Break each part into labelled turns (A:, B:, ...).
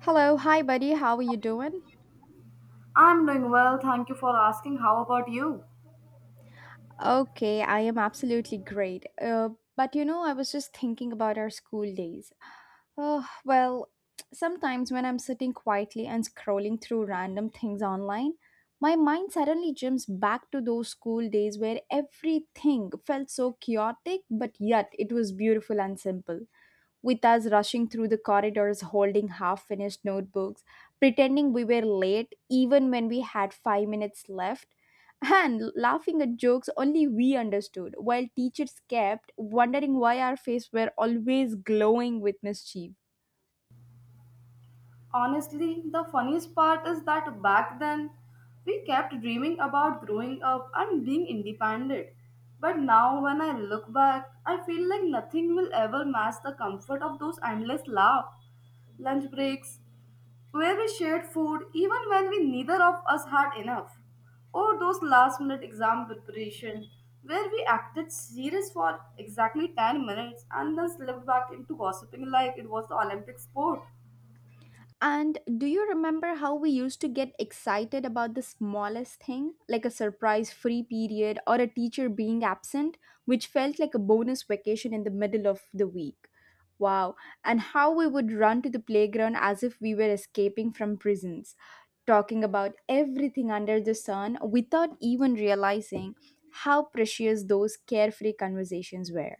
A: Hello, hi buddy, how are you doing?
B: I'm doing well, thank you for asking. How about you?
A: Okay, I am absolutely great. But you know, I was just thinking about our school days. Oh, well, sometimes when I'm sitting quietly and scrolling through random things online, my mind suddenly jumps back to those school days where everything felt so chaotic, but yet it was beautiful and simple. With us rushing through the corridors holding half finished notebooks, pretending we were late even when we had 5 minutes left, and laughing at jokes only we understood, while teachers kept wondering why our faces were always glowing with mischief.
B: Honestly, the funniest part is that back then we kept dreaming about growing up and being independent. But now, when I look back, I feel like nothing will ever match the comfort of those endless laugh, lunch breaks, where we shared food even when we neither of us had enough, or those last minute exam preparation where we acted serious for exactly 10 minutes and then slipped back into gossiping like it was the Olympic sport.
A: And do you remember how we used to get excited about the smallest thing, like a surprise free period or a teacher being absent, which felt like a bonus vacation in the middle of the week? Wow, and how we would run to the playground as if we were escaping from prisons, talking about everything under the sun without even realizing how precious those carefree conversations were.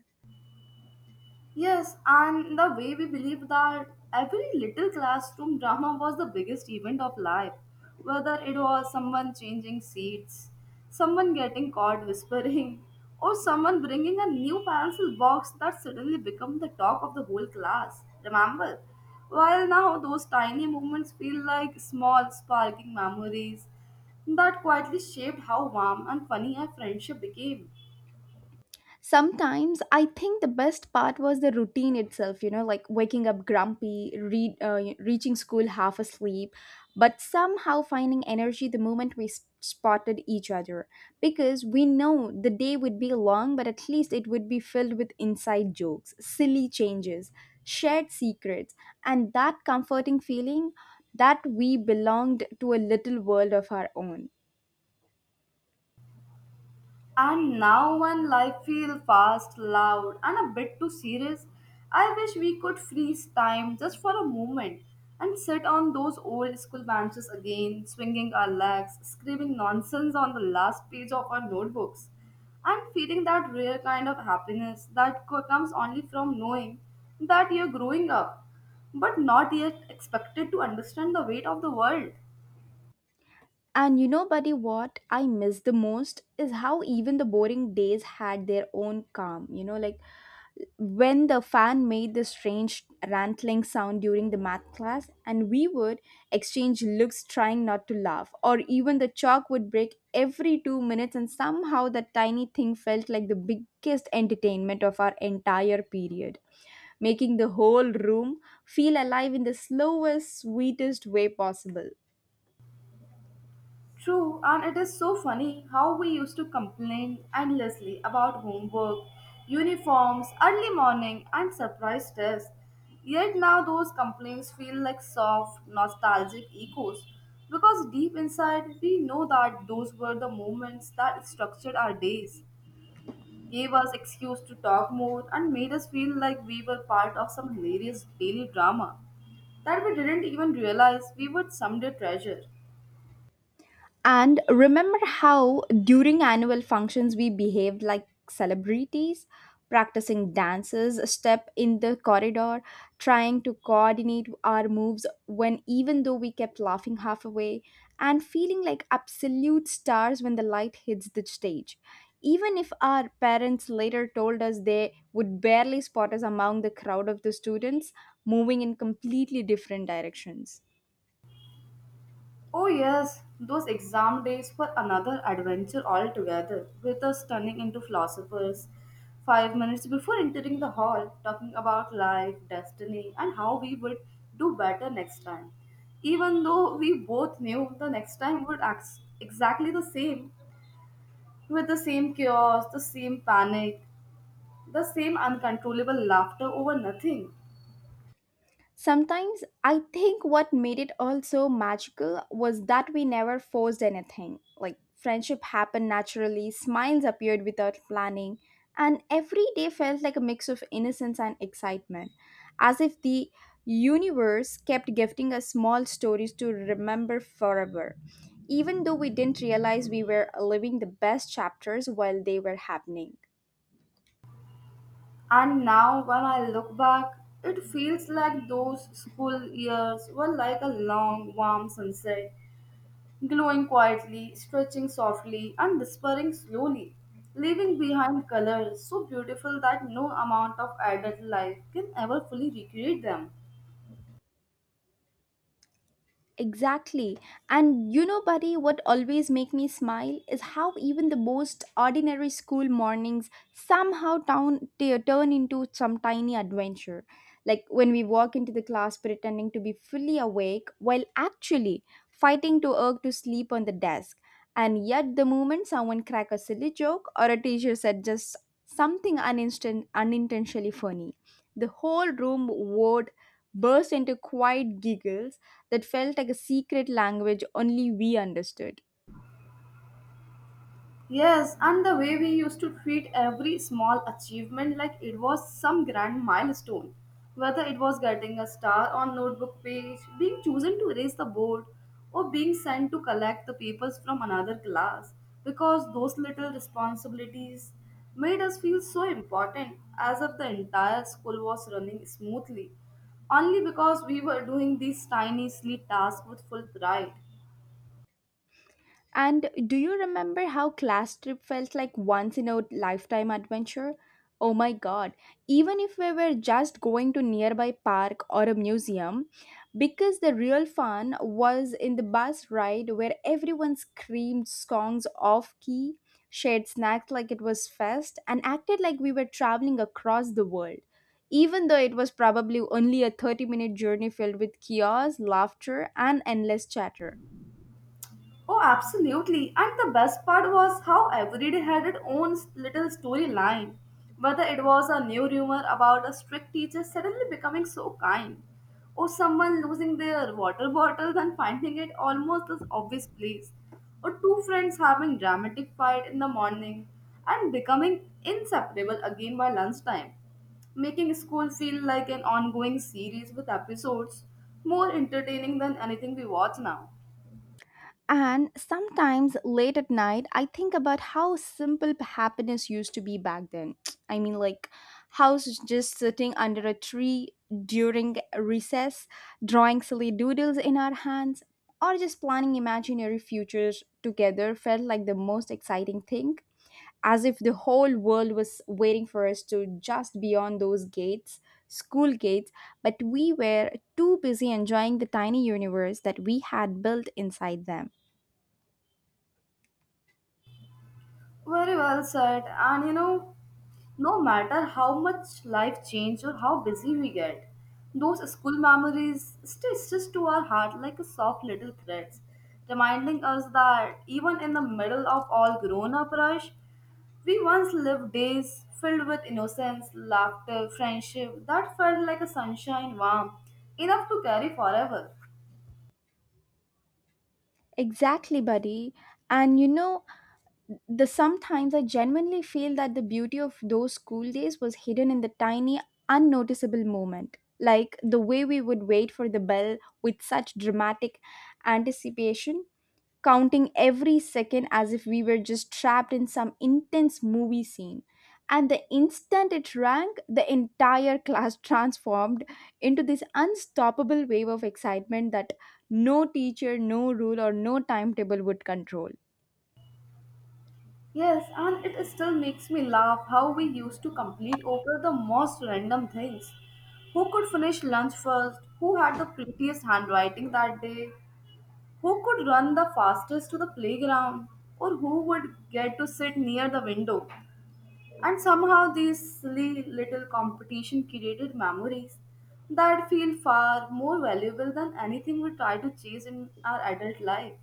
B: Yes, and the way we believe that every little classroom drama was the biggest event of life, whether it was someone changing seats, someone getting caught whispering, or someone bringing a new pencil box that suddenly became the talk of the whole class. Remember? While now those tiny moments feel like small, sparking memories that quietly shaped how warm and funny our friendship became.
A: Sometimes I think the best part was the routine itself, like waking up grumpy, reaching school half asleep, but somehow finding energy the moment spotted each other, because we know the day would be long, but at least it would be filled with inside jokes, silly changes, shared secrets, and that comforting feeling that we belonged to a little world of our own.
B: And now, when life feels fast, loud, and a bit too serious, I wish we could freeze time just for a moment and sit on those old school benches again, swinging our legs, screaming nonsense on the last page of our notebooks, and feeling that rare kind of happiness that comes only from knowing that you're growing up, but not yet expected to understand the weight of the world.
A: And you know, buddy, what I miss the most is how even the boring days had their own calm. Like when the fan made the strange rantling sound during the math class, and we would exchange looks trying not to laugh, or even the chalk would break every 2 minutes, and somehow that tiny thing felt like the biggest entertainment of our entire period, making the whole room feel alive in the slowest, sweetest way possible.
B: True, and it is so funny how we used to complain endlessly about homework, uniforms, early morning, and surprise tests. Yet now those complaints feel like soft, nostalgic echoes because deep inside we know that those were the moments that structured our days, gave us excuse to talk more, and made us feel like we were part of some hilarious daily drama that we didn't even realize we would someday treasure.
A: And remember how during annual functions we behaved like celebrities, practicing dances, a step in the corridor, trying to coordinate our moves when even though we kept laughing halfway, and feeling like absolute stars when the light hits the stage. Even if our parents later told us they would barely spot us among the crowd of the students moving in completely different directions.
B: Oh, yes, those exam days were another adventure altogether, with us turning into philosophers. 5 minutes before entering the hall, talking about life, destiny, and how we would do better next time. Even though we both knew the next time would act exactly the same, with the same chaos, the same panic, the same uncontrollable laughter over nothing.
A: Sometimes I think what made it all so magical was that we never forced anything. Like friendship happened naturally, smiles appeared without planning, and every day felt like a mix of innocence and excitement, as if the universe kept gifting us small stories to remember forever, even though we didn't realize we were living the best chapters while they were happening.
B: And now, when I look back, it feels like those school years were like a long, warm sunset, glowing quietly, stretching softly, and disappearing slowly, leaving behind colors so beautiful that no amount of adult life can ever fully recreate them.
A: Exactly. And you know, buddy, what always make me smile is how even the most ordinary school mornings somehow turn into some tiny adventure. Like when we walk into the class pretending to be fully awake while actually fighting to irk to sleep on the desk. And yet, the moment someone crack a silly joke or a teacher said just something uninstan unintentionally funny, the whole room would burst into quiet giggles that felt like a secret language only we understood.
B: Yes, and the way we used to treat every small achievement like it was some grand milestone, whether it was getting a star on notebook page, being chosen to raise the board, or being sent to collect the papers from another class, because those little responsibilities made us feel so important as if the entire school was running smoothly, only because we were doing these tiny, silly tasks with full pride.
A: And do you remember how class trip felt like once in a lifetime adventure? Oh my god, even if we were just going to nearby park or a museum, because the real fun was in the bus ride where everyone screamed songs off key, shared snacks like it was fest, and acted like we were traveling across the world. Even though it was probably only a 30-minute journey filled with chaos, laughter, and endless chatter.
B: Oh, absolutely. And the best part was how every day had its own little storyline. Whether it was a new rumor about a strict teacher suddenly becoming so kind, or someone losing their water bottle and finding it almost as obvious place, or two friends having dramatic fight in the morning and becoming inseparable again by lunchtime, making school feel like an ongoing series with episodes more entertaining than anything we watch now.
A: And sometimes late at night, I think about how simple happiness used to be back then. I mean, like, House is just sitting under a tree during recess, drawing silly doodles in our hands, or just planning imaginary futures together felt like the most exciting thing. As if the whole world was waiting for us to just beyond those gates, school gates, but we were too busy enjoying the tiny universe that we had built inside them.
B: Very well said. And you know, no matter how much life change or how busy we get, those school memories stay stitched to our heart like a soft little threads, reminding us that even in the middle of all grown-up rush, we once lived days filled with innocence, laughter, friendship that felt like a sunshine warm, enough to carry forever.
A: Exactly, buddy. And you know, the sometimes I genuinely feel that the beauty of those school days was hidden in the tiny, unnoticeable moment. Like the way we would wait for the bell with such dramatic anticipation counting every second as if we were just trapped in some intense movie scene. And the instant it rang, the entire class transformed into this unstoppable wave of excitement that no teacher, no rule, or no timetable would control.
B: Yes, and it still makes me laugh how we used to complete over the most random things. Who could finish lunch first? Who had the prettiest handwriting that day? Who could run the fastest to the playground? Or who would get to sit near the window? And somehow these silly little competition created memories that feel far more valuable than anything we try to chase in our adult life.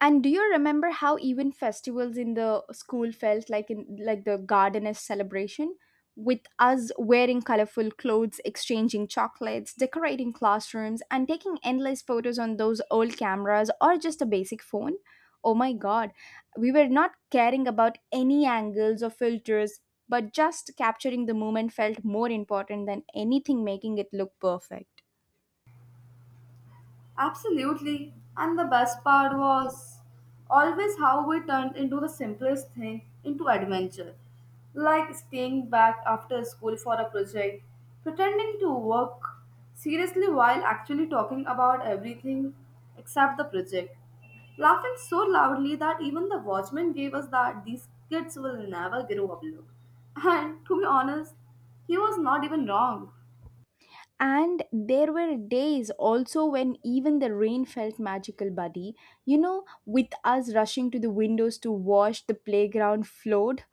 A: And do you remember how even festivals in the school felt like in like the gardeners celebration, with us wearing colorful clothes, exchanging chocolates, decorating classrooms and taking endless photos on those old cameras or just a basic phone? Oh my god, we were not caring about any angles or filters, but just capturing the moment felt more important than anything making it look perfect.
B: Absolutely. And the best part was always how we turned into the simplest thing into adventure. Like staying back after school for a project, pretending to work seriously while actually talking about everything except the project. Laughing so loudly that even the watchman gave us that these kids will never grow up look. And to be honest, he was not even wrong.
A: And there were days also when even the rain felt magical, buddy. You know, with us rushing to the windows to wash the playground floored.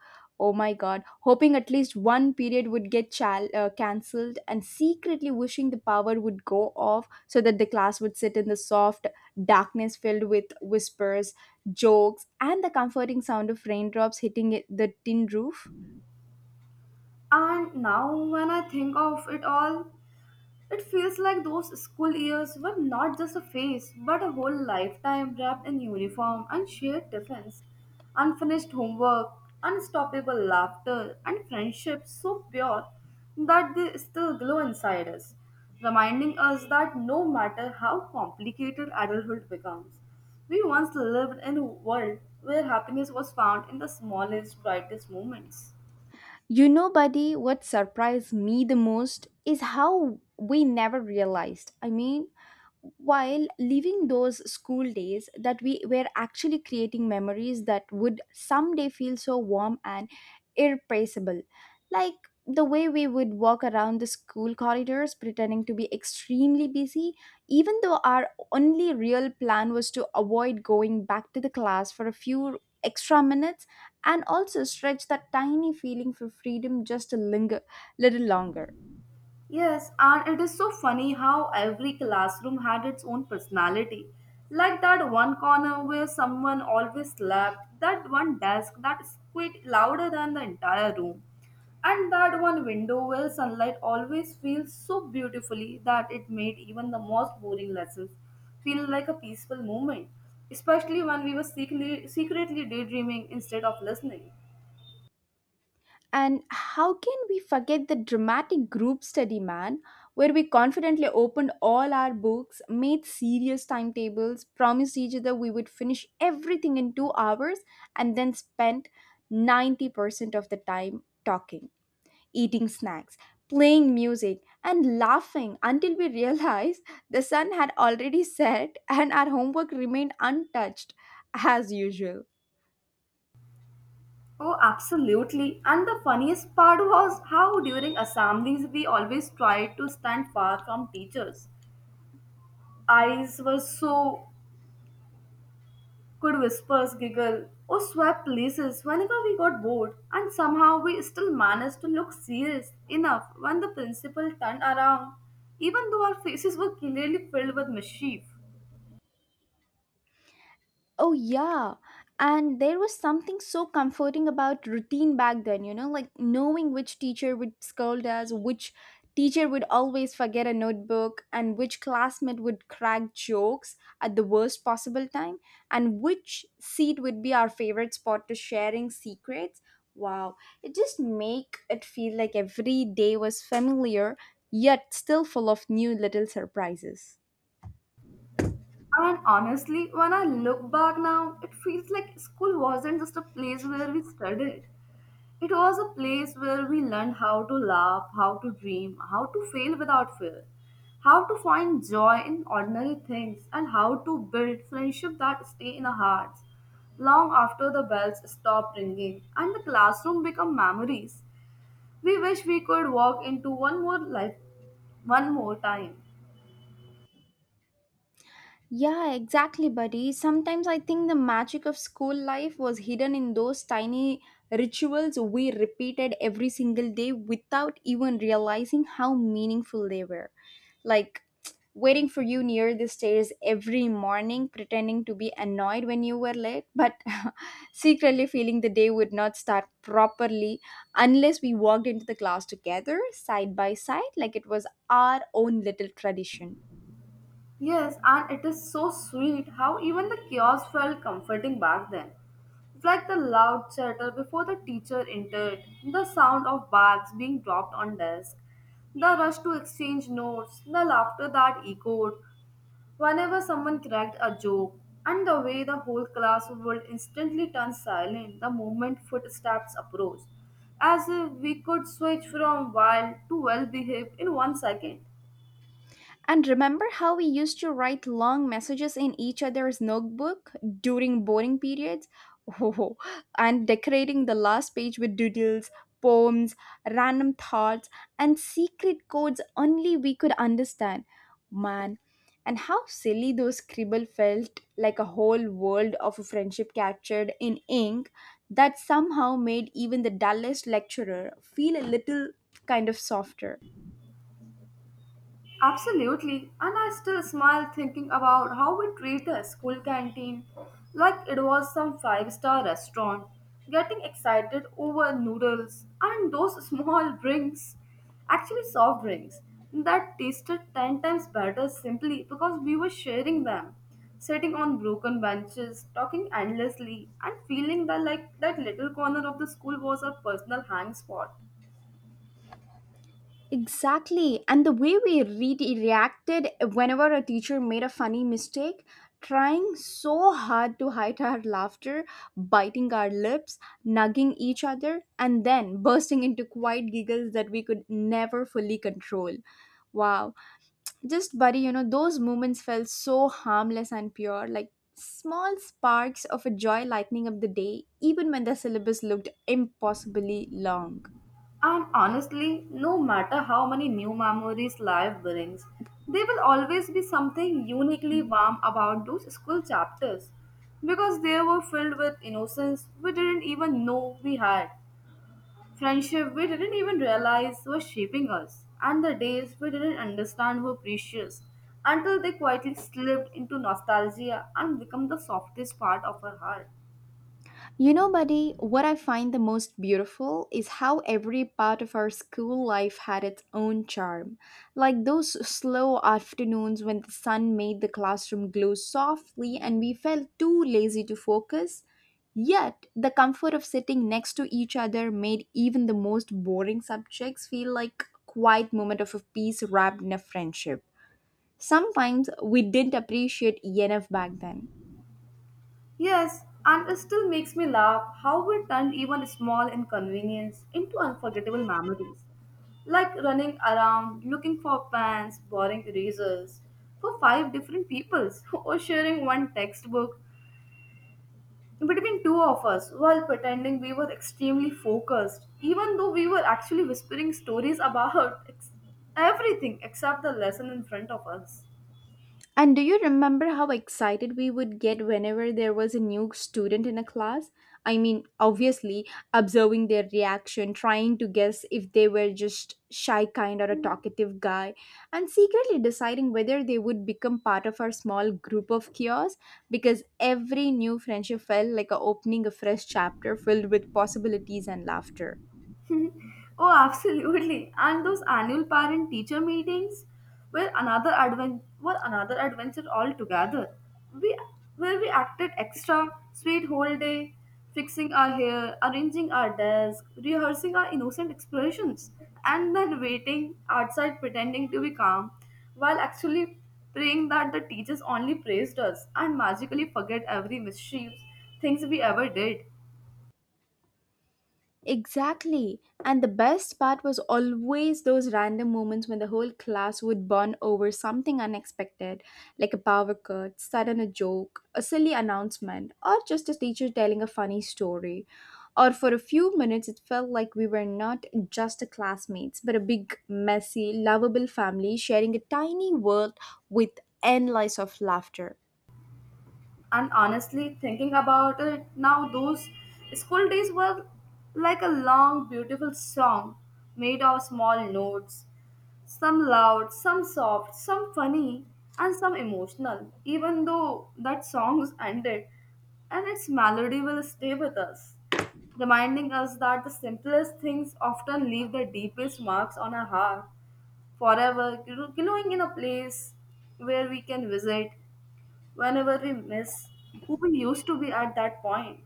A: Oh my god, hoping at least one period would get cancelled, and secretly wishing the power would go off so that the class would sit in the soft darkness filled with whispers, jokes, and the comforting sound of raindrops the tin roof.
B: And now, when I think of it all, it feels like those school years were not just a phase, but a whole lifetime wrapped in uniform and shared tiffins, unfinished homework, unstoppable laughter, and friendships so pure that they still glow inside us, reminding us that no matter how complicated adulthood becomes, we once lived in a world where happiness was found in the smallest, brightest moments.
A: You know, buddy, what surprised me the most is how we never realized. I mean, while living those school days, that we were actually creating memories that would someday feel so warm and irreplaceable. Like the way we would walk around the school corridors pretending to be extremely busy, even though our only real plan was to avoid going back to the class for a few extra minutes, and also stretch that tiny feeling for freedom just a linger, little longer.
B: Yes, and it is so funny how every classroom had its own personality. Like that one corner where someone always slept, that one desk that squeaked louder than the entire room, and that one window where sunlight always feels so beautifully that it made even the most boring lessons feel like a peaceful moment, especially when we were secretly daydreaming instead of listening.
A: And how can we forget the dramatic group study, man, where we confidently opened all our books, made serious timetables, promised each other we would finish everything in 2 hours, and then spent 90% of the time talking, eating snacks, playing music, and laughing until we realized the sun had already set and our homework remained untouched as usual.
B: Oh, absolutely. And the funniest part was how during assemblies we always tried to stand far from teachers. Eyes were so could whispers, giggle, or swap places whenever we got bored, and somehow we still managed to look serious enough when the principal turned around, even though our faces were clearly filled with mischief.
A: Oh, yeah. And there was something so comforting about routine back then, you know, like knowing which teacher would scold us, which teacher would always forget a notebook, and which classmate would crack jokes at the worst possible time, and which seat would be our favorite spot to sharing secrets. Wow. It just make it feel like every day was familiar, yet still full of new little surprises.
B: And honestly, when I look back now, it feels like school wasn't just a place where we studied. It was a place where we learned how to laugh, how to dream, how to fail without fear, how to find joy in ordinary things, and how to build friendships that stay in our hearts long after the bells stop ringing and the classroom become memories we wish we could walk into one more life one more time.
A: Yeah, exactly, buddy. Sometimes I think the magic of school life was hidden in those tiny rituals we repeated every single day without even realizing how meaningful they were. Like waiting for you near the stairs every morning, pretending to be annoyed when you were late, but secretly feeling the day would not start properly unless we walked into the class together, side by side, like it was our own little tradition.
B: Yes, and it is so sweet how even the chaos felt comforting back then. It's like the loud chatter before the teacher entered, the sound of bags being dropped on desk, the rush to exchange notes, the laughter that echoed whenever someone cracked a joke, and the way the whole class would instantly turn silent the moment footsteps approached, as if we could switch from wild to well behaved in 1 second.
A: And remember how we used to write long messages in each other's notebook during boring periods? Oh, and decorating the last page with doodles, poems, random thoughts, and secret codes only we could understand. Man, and how silly those scribble felt, like a whole world of a friendship captured in ink that somehow made even the dullest lecturer feel a little kind of softer.
B: Absolutely, and I still smile thinking about how we treat a school canteen like it was some five-star restaurant, getting excited over noodles and those small soft drinks that tasted 10 times better simply because we were sharing them, sitting on broken benches, talking endlessly, and feeling that like that little corner of the school was our personal hang spot.
A: Exactly. And the way reacted whenever a teacher made a funny mistake, trying so hard to hide our laughter, biting our lips, nugging each other, and then bursting into quiet giggles that we could never fully control. Wow. Just, buddy, you know, those moments felt so harmless and pure, like small sparks of a joy lighting up the day, even when the syllabus looked impossibly long.
B: And honestly, no matter how many new memories life brings, there will always be something uniquely warm about those school chapters because they were filled with innocence we didn't even know we had, friendship we didn't even realize was shaping us, and the days we didn't understand were precious until they quietly slipped into nostalgia and become the softest part of our heart.
A: You know, buddy, what I find the most beautiful is how every part of our school life had its own charm. Like those slow afternoons when the sun made the classroom glow softly and we felt too lazy to focus. Yet, the comfort of sitting next to each other made even the most boring subjects feel like a quiet moment of a peace wrapped in a friendship. Sometimes we didn't appreciate enough back then.
B: Yes, and it still makes me laugh how we turned even small inconvenience into unforgettable memories. Like running around looking for pens, borrowing erasers for five different peoples, or sharing one textbook between two of us while pretending we were extremely focused, even though we were actually whispering stories about everything except the lesson in front of us.
A: And do you remember how excited we would get whenever there was a new student in a class? I mean, obviously, observing their reaction, trying to guess if they were just shy kind or a talkative guy, and secretly deciding whether they would become part of our small group of chaos, because every new friendship felt like a opening a fresh chapter filled with possibilities and laughter.
B: Oh, absolutely. And those annual parent teacher meetings were another adventure altogether. We Where we acted extra sweet whole day, fixing our hair, arranging our desk, rehearsing our innocent expressions, and then waiting outside pretending to be calm while actually praying that the teachers only praised us and magically forget every mischief things we ever did.
A: Exactly. And the best part was always those random moments when the whole class would bond over something unexpected, like a power cut, sudden a joke, a silly announcement, or just a teacher telling a funny story. Or for a few minutes, it felt like we were not just a classmates, but a big, messy, lovable family sharing a tiny world with endless of laughter.
B: And honestly, thinking about it now, those school days were like a long, beautiful song made of small notes. Some loud, some soft, some funny, and some emotional, even though that song's ended and its melody will stay with us, reminding us that the simplest things often leave the deepest marks on our heart forever, glowing in a place where we can visit whenever we miss who we used to be at that point.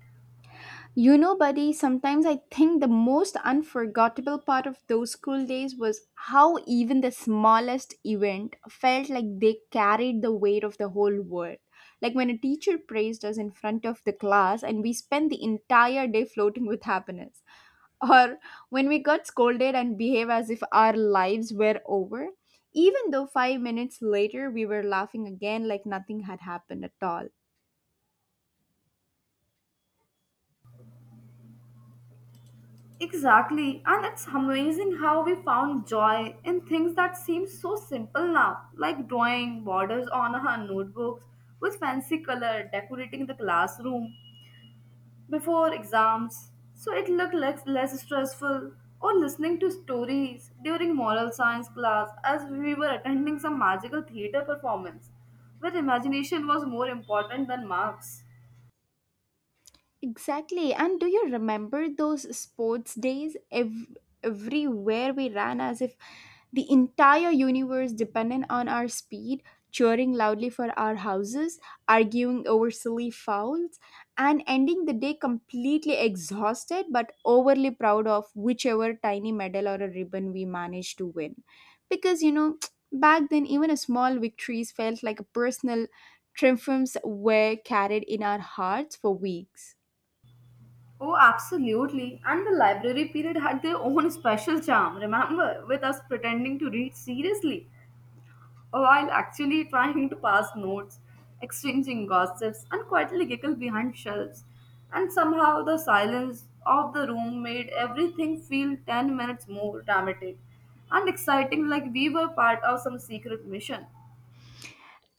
A: You know, buddy, sometimes I think the most unforgettable part of those school days was how even the smallest event felt like they carried the weight of the whole world. Like when a teacher praised us in front of the class and we spent the entire day floating with happiness. Or when we got scolded and behave as if our lives were over, even though 5 minutes later we were laughing again like nothing had happened at all.
B: Exactly, and it's amazing how we found joy in things that seem so simple now, like drawing borders on our notebooks with fancy color, decorating the classroom before exams so it looked less stressful, or listening to stories during moral science class as we were attending some magical theater performance where imagination was more important than marks.
A: Exactly. And do you remember those sports days? Everywhere we ran as if the entire universe depended on our speed, cheering loudly for our houses, arguing over silly fouls, and ending the day completely exhausted but overly proud of whichever tiny medal or a ribbon we managed to win. Because, you know, back then, even a small victories felt like a personal triumphs were carried in our hearts for weeks.
B: Oh, absolutely. And the library period had their own special charm, remember, with us pretending to read seriously while actually trying to pass notes, exchanging gossips, and quietly giggle behind shelves. And somehow the silence of the room made everything feel 10 minutes more dramatic and exciting, like we were part of some secret mission.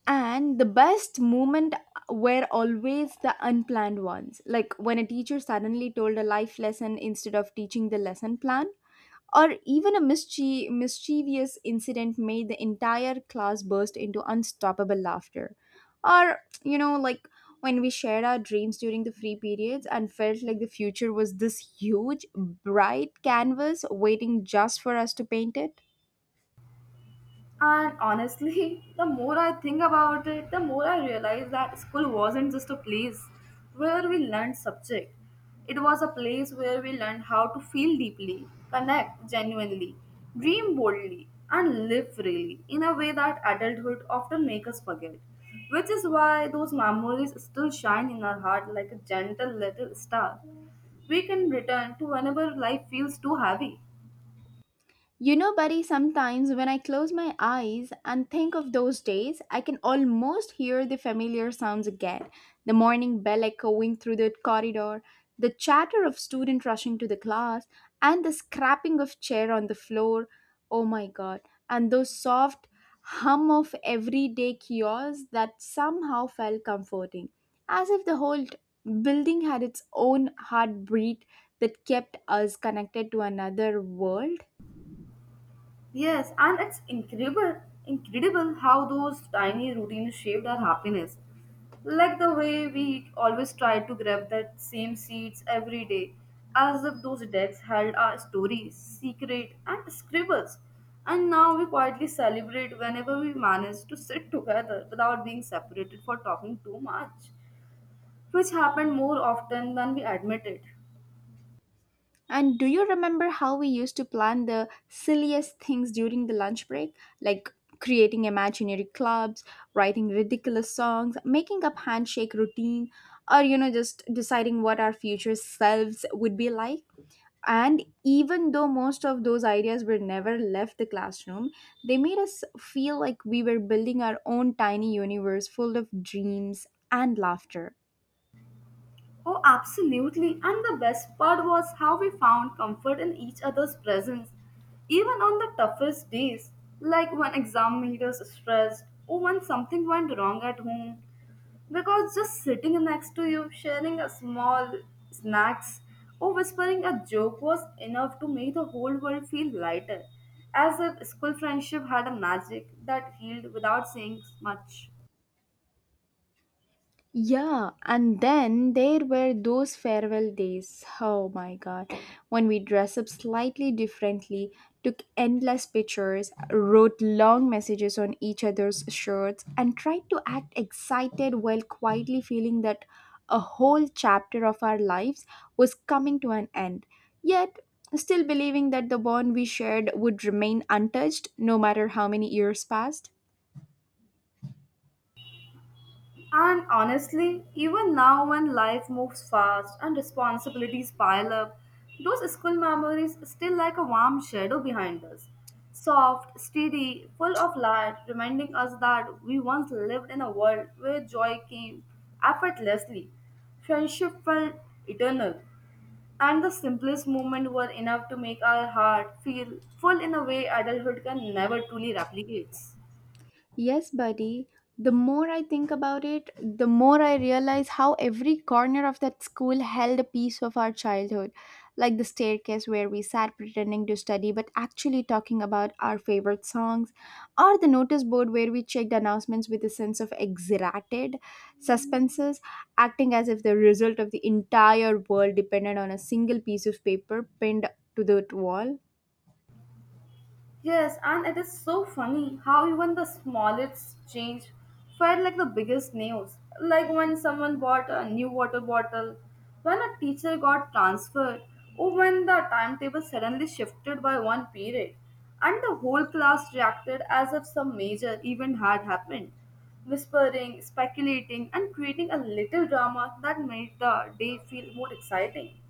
A: And the best moment were always the unplanned ones, like when a teacher suddenly told a life lesson instead of teaching the lesson plan, or even a mischievous incident made the entire class burst into unstoppable laughter. Or, you know, like when we shared our dreams during the free periods and felt like the future was this huge, bright canvas waiting just for us to paint it.
B: And honestly, the more I think about it, the more I realize that school wasn't just a place where we learned subject. It was a place where we learned how to feel deeply, connect genuinely, dream boldly, and live freely in a way that adulthood often makes us forget. Which is why those memories still shine in our heart like a gentle little star. We can return to whenever life feels too heavy.
A: You know, buddy, sometimes when I close my eyes and think of those days, I can almost hear the familiar sounds again, the morning bell echoing through the corridor, the chatter of students rushing to the class, and the scrapping of chair on the floor. Oh my god, and those soft hum of everyday chaos that somehow felt comforting, as if the whole building had its own heartbeat that kept us connected to another world.
B: Yes, and it's incredible how those tiny routines shaped our happiness. Like the way we always try to grab that same seats every day, as if those decks held our stories, secret, and scribbles. And now we quietly celebrate whenever we manage to sit together without being separated for talking too much, which happened more often than we admitted.
A: And do you remember how we used to plan the silliest things during the lunch break? Like creating imaginary clubs, writing ridiculous songs, making up handshake routine, or you know, just deciding what our future selves would be like. And even though most of those ideas were never left the classroom, they made us feel like we were building our own tiny universe full of dreams and laughter.
B: Oh, absolutely. And the best part was how we found comfort in each other's presence, even on the toughest days, like when examinators stressed or when something went wrong at home. Because just sitting next to you, sharing a small snacks, or whispering a joke was enough to make the whole world feel lighter, as if school friendship had a magic that healed without saying much.
A: Yeah, and then there were those farewell days. Oh my god. When we dressed up slightly differently, took endless pictures, wrote long messages on each other's shirts, and tried to act excited while quietly feeling that a whole chapter of our lives was coming to an end. Yet, still believing that the bond we shared would remain untouched no matter how many years passed.
B: And honestly, even now when life moves fast and responsibilities pile up, those school memories still like a warm shadow behind us. Soft, steady, full of light, reminding us that we once lived in a world where joy came effortlessly, friendship felt eternal, and the simplest moments were enough to make our heart feel full in a way adulthood can never truly replicate.
A: Yes, buddy. The more I think about it, the more I realize how every corner of that school held a piece of our childhood. Like the staircase where we sat pretending to study but actually talking about our favorite songs, or the notice board where we checked announcements with a sense of exaggerated suspenses, acting as if the result of the entire world depended on a single piece of paper pinned to the wall.
B: Yes, and it is so funny how even the smallest change felt like the biggest news. Like when someone bought a new water bottle, when a teacher got transferred, or when the timetable suddenly shifted by one period, and the whole class reacted as if some major event had happened, whispering, speculating, and creating a little drama that made the day feel more exciting.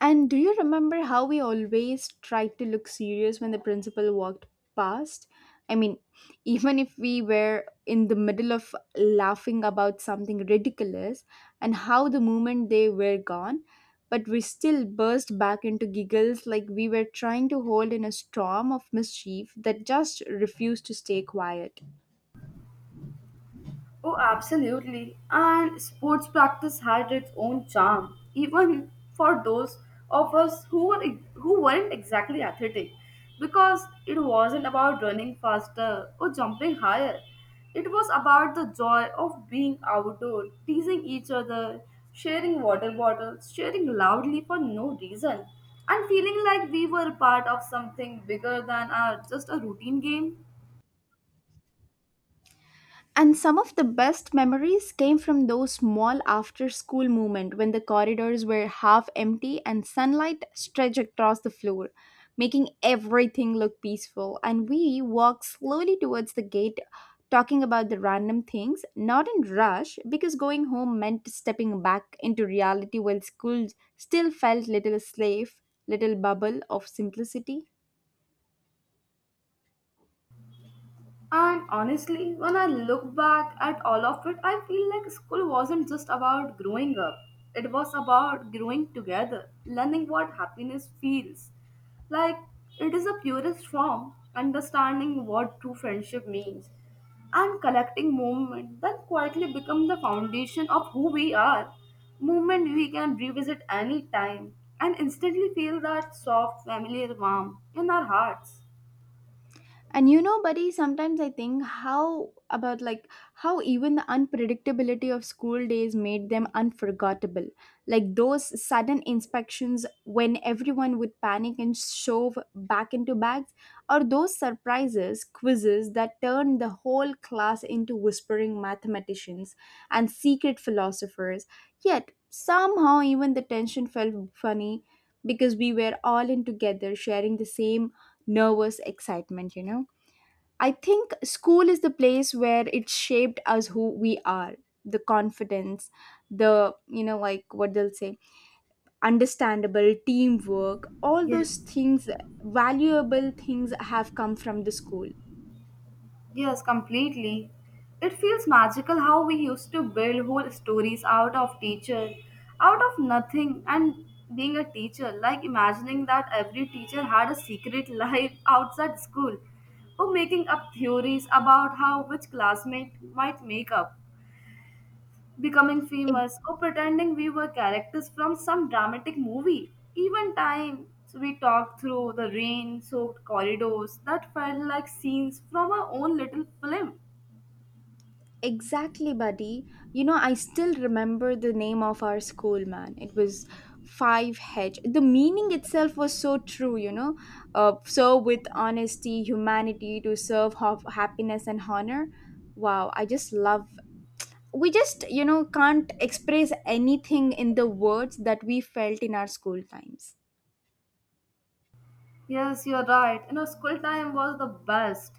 A: And do you remember how we always tried to look serious when the principal walked past? I mean, even if we were in the middle of laughing about something ridiculous, and how the moment they were gone, but we still burst back into giggles like we were trying to hold in a storm of mischief that just refused to stay quiet.
B: Oh, absolutely. And sports practice had its own charm, even for those of us who were who weren't exactly athletic, because it wasn't about running faster or jumping higher. It was about the joy of being outdoor, teasing each other, sharing water bottles, sharing loudly for no reason, and feeling like we were part of something bigger than our just a routine game.
A: And some of the best memories came from those small after school moments when the corridors were half empty and sunlight stretched across the floor, making everything look peaceful. And we walked slowly towards the gate, talking about the random things, not in rush, because going home meant stepping back into reality while school still felt little safe, little bubble of simplicity.
B: And honestly, when I look back at all of it, I feel like school wasn't just about growing up. It was about growing together, learning what happiness feels. Like it is a purest form, understanding what true friendship means, and collecting movement that quietly become the foundation of who we are. Movement we can revisit any time and instantly feel that soft, familiar warmth in our hearts.
A: And you know, buddy, sometimes I think how about like how even the unpredictability of school days made them unforgettable. Like those sudden inspections when everyone would panic and shove back into bags, or those surprises, quizzes that turned the whole class into whispering mathematicians and secret philosophers. Yet somehow, even the tension felt funny because we were all in together sharing the same nervous excitement, you know? I think school is the place where it shaped us who we are, the confidence, the, you know, like what they'll say, understandable teamwork, all
B: Yes.
A: those things, valuable things have come from the school.
B: Yes, completely. It feels magical how we used to build whole stories out of teacher, out of nothing, and being a teacher, like imagining that every teacher had a secret life outside school, or making up theories about how which classmate might make up, becoming famous, or pretending we were characters from some dramatic movie. Even times we talked through the rain soaked corridors that felt like scenes from our own little film.
A: Exactly, buddy. You know, I still remember the name of our school, man. It was 5H. The meaning itself was so true, you know. With honesty, humanity, to serve happiness and honor. Wow, I just love. We just, you know, can't express anything in the words that we felt in our school times.
B: Yes, you're right. You know, school time was the best.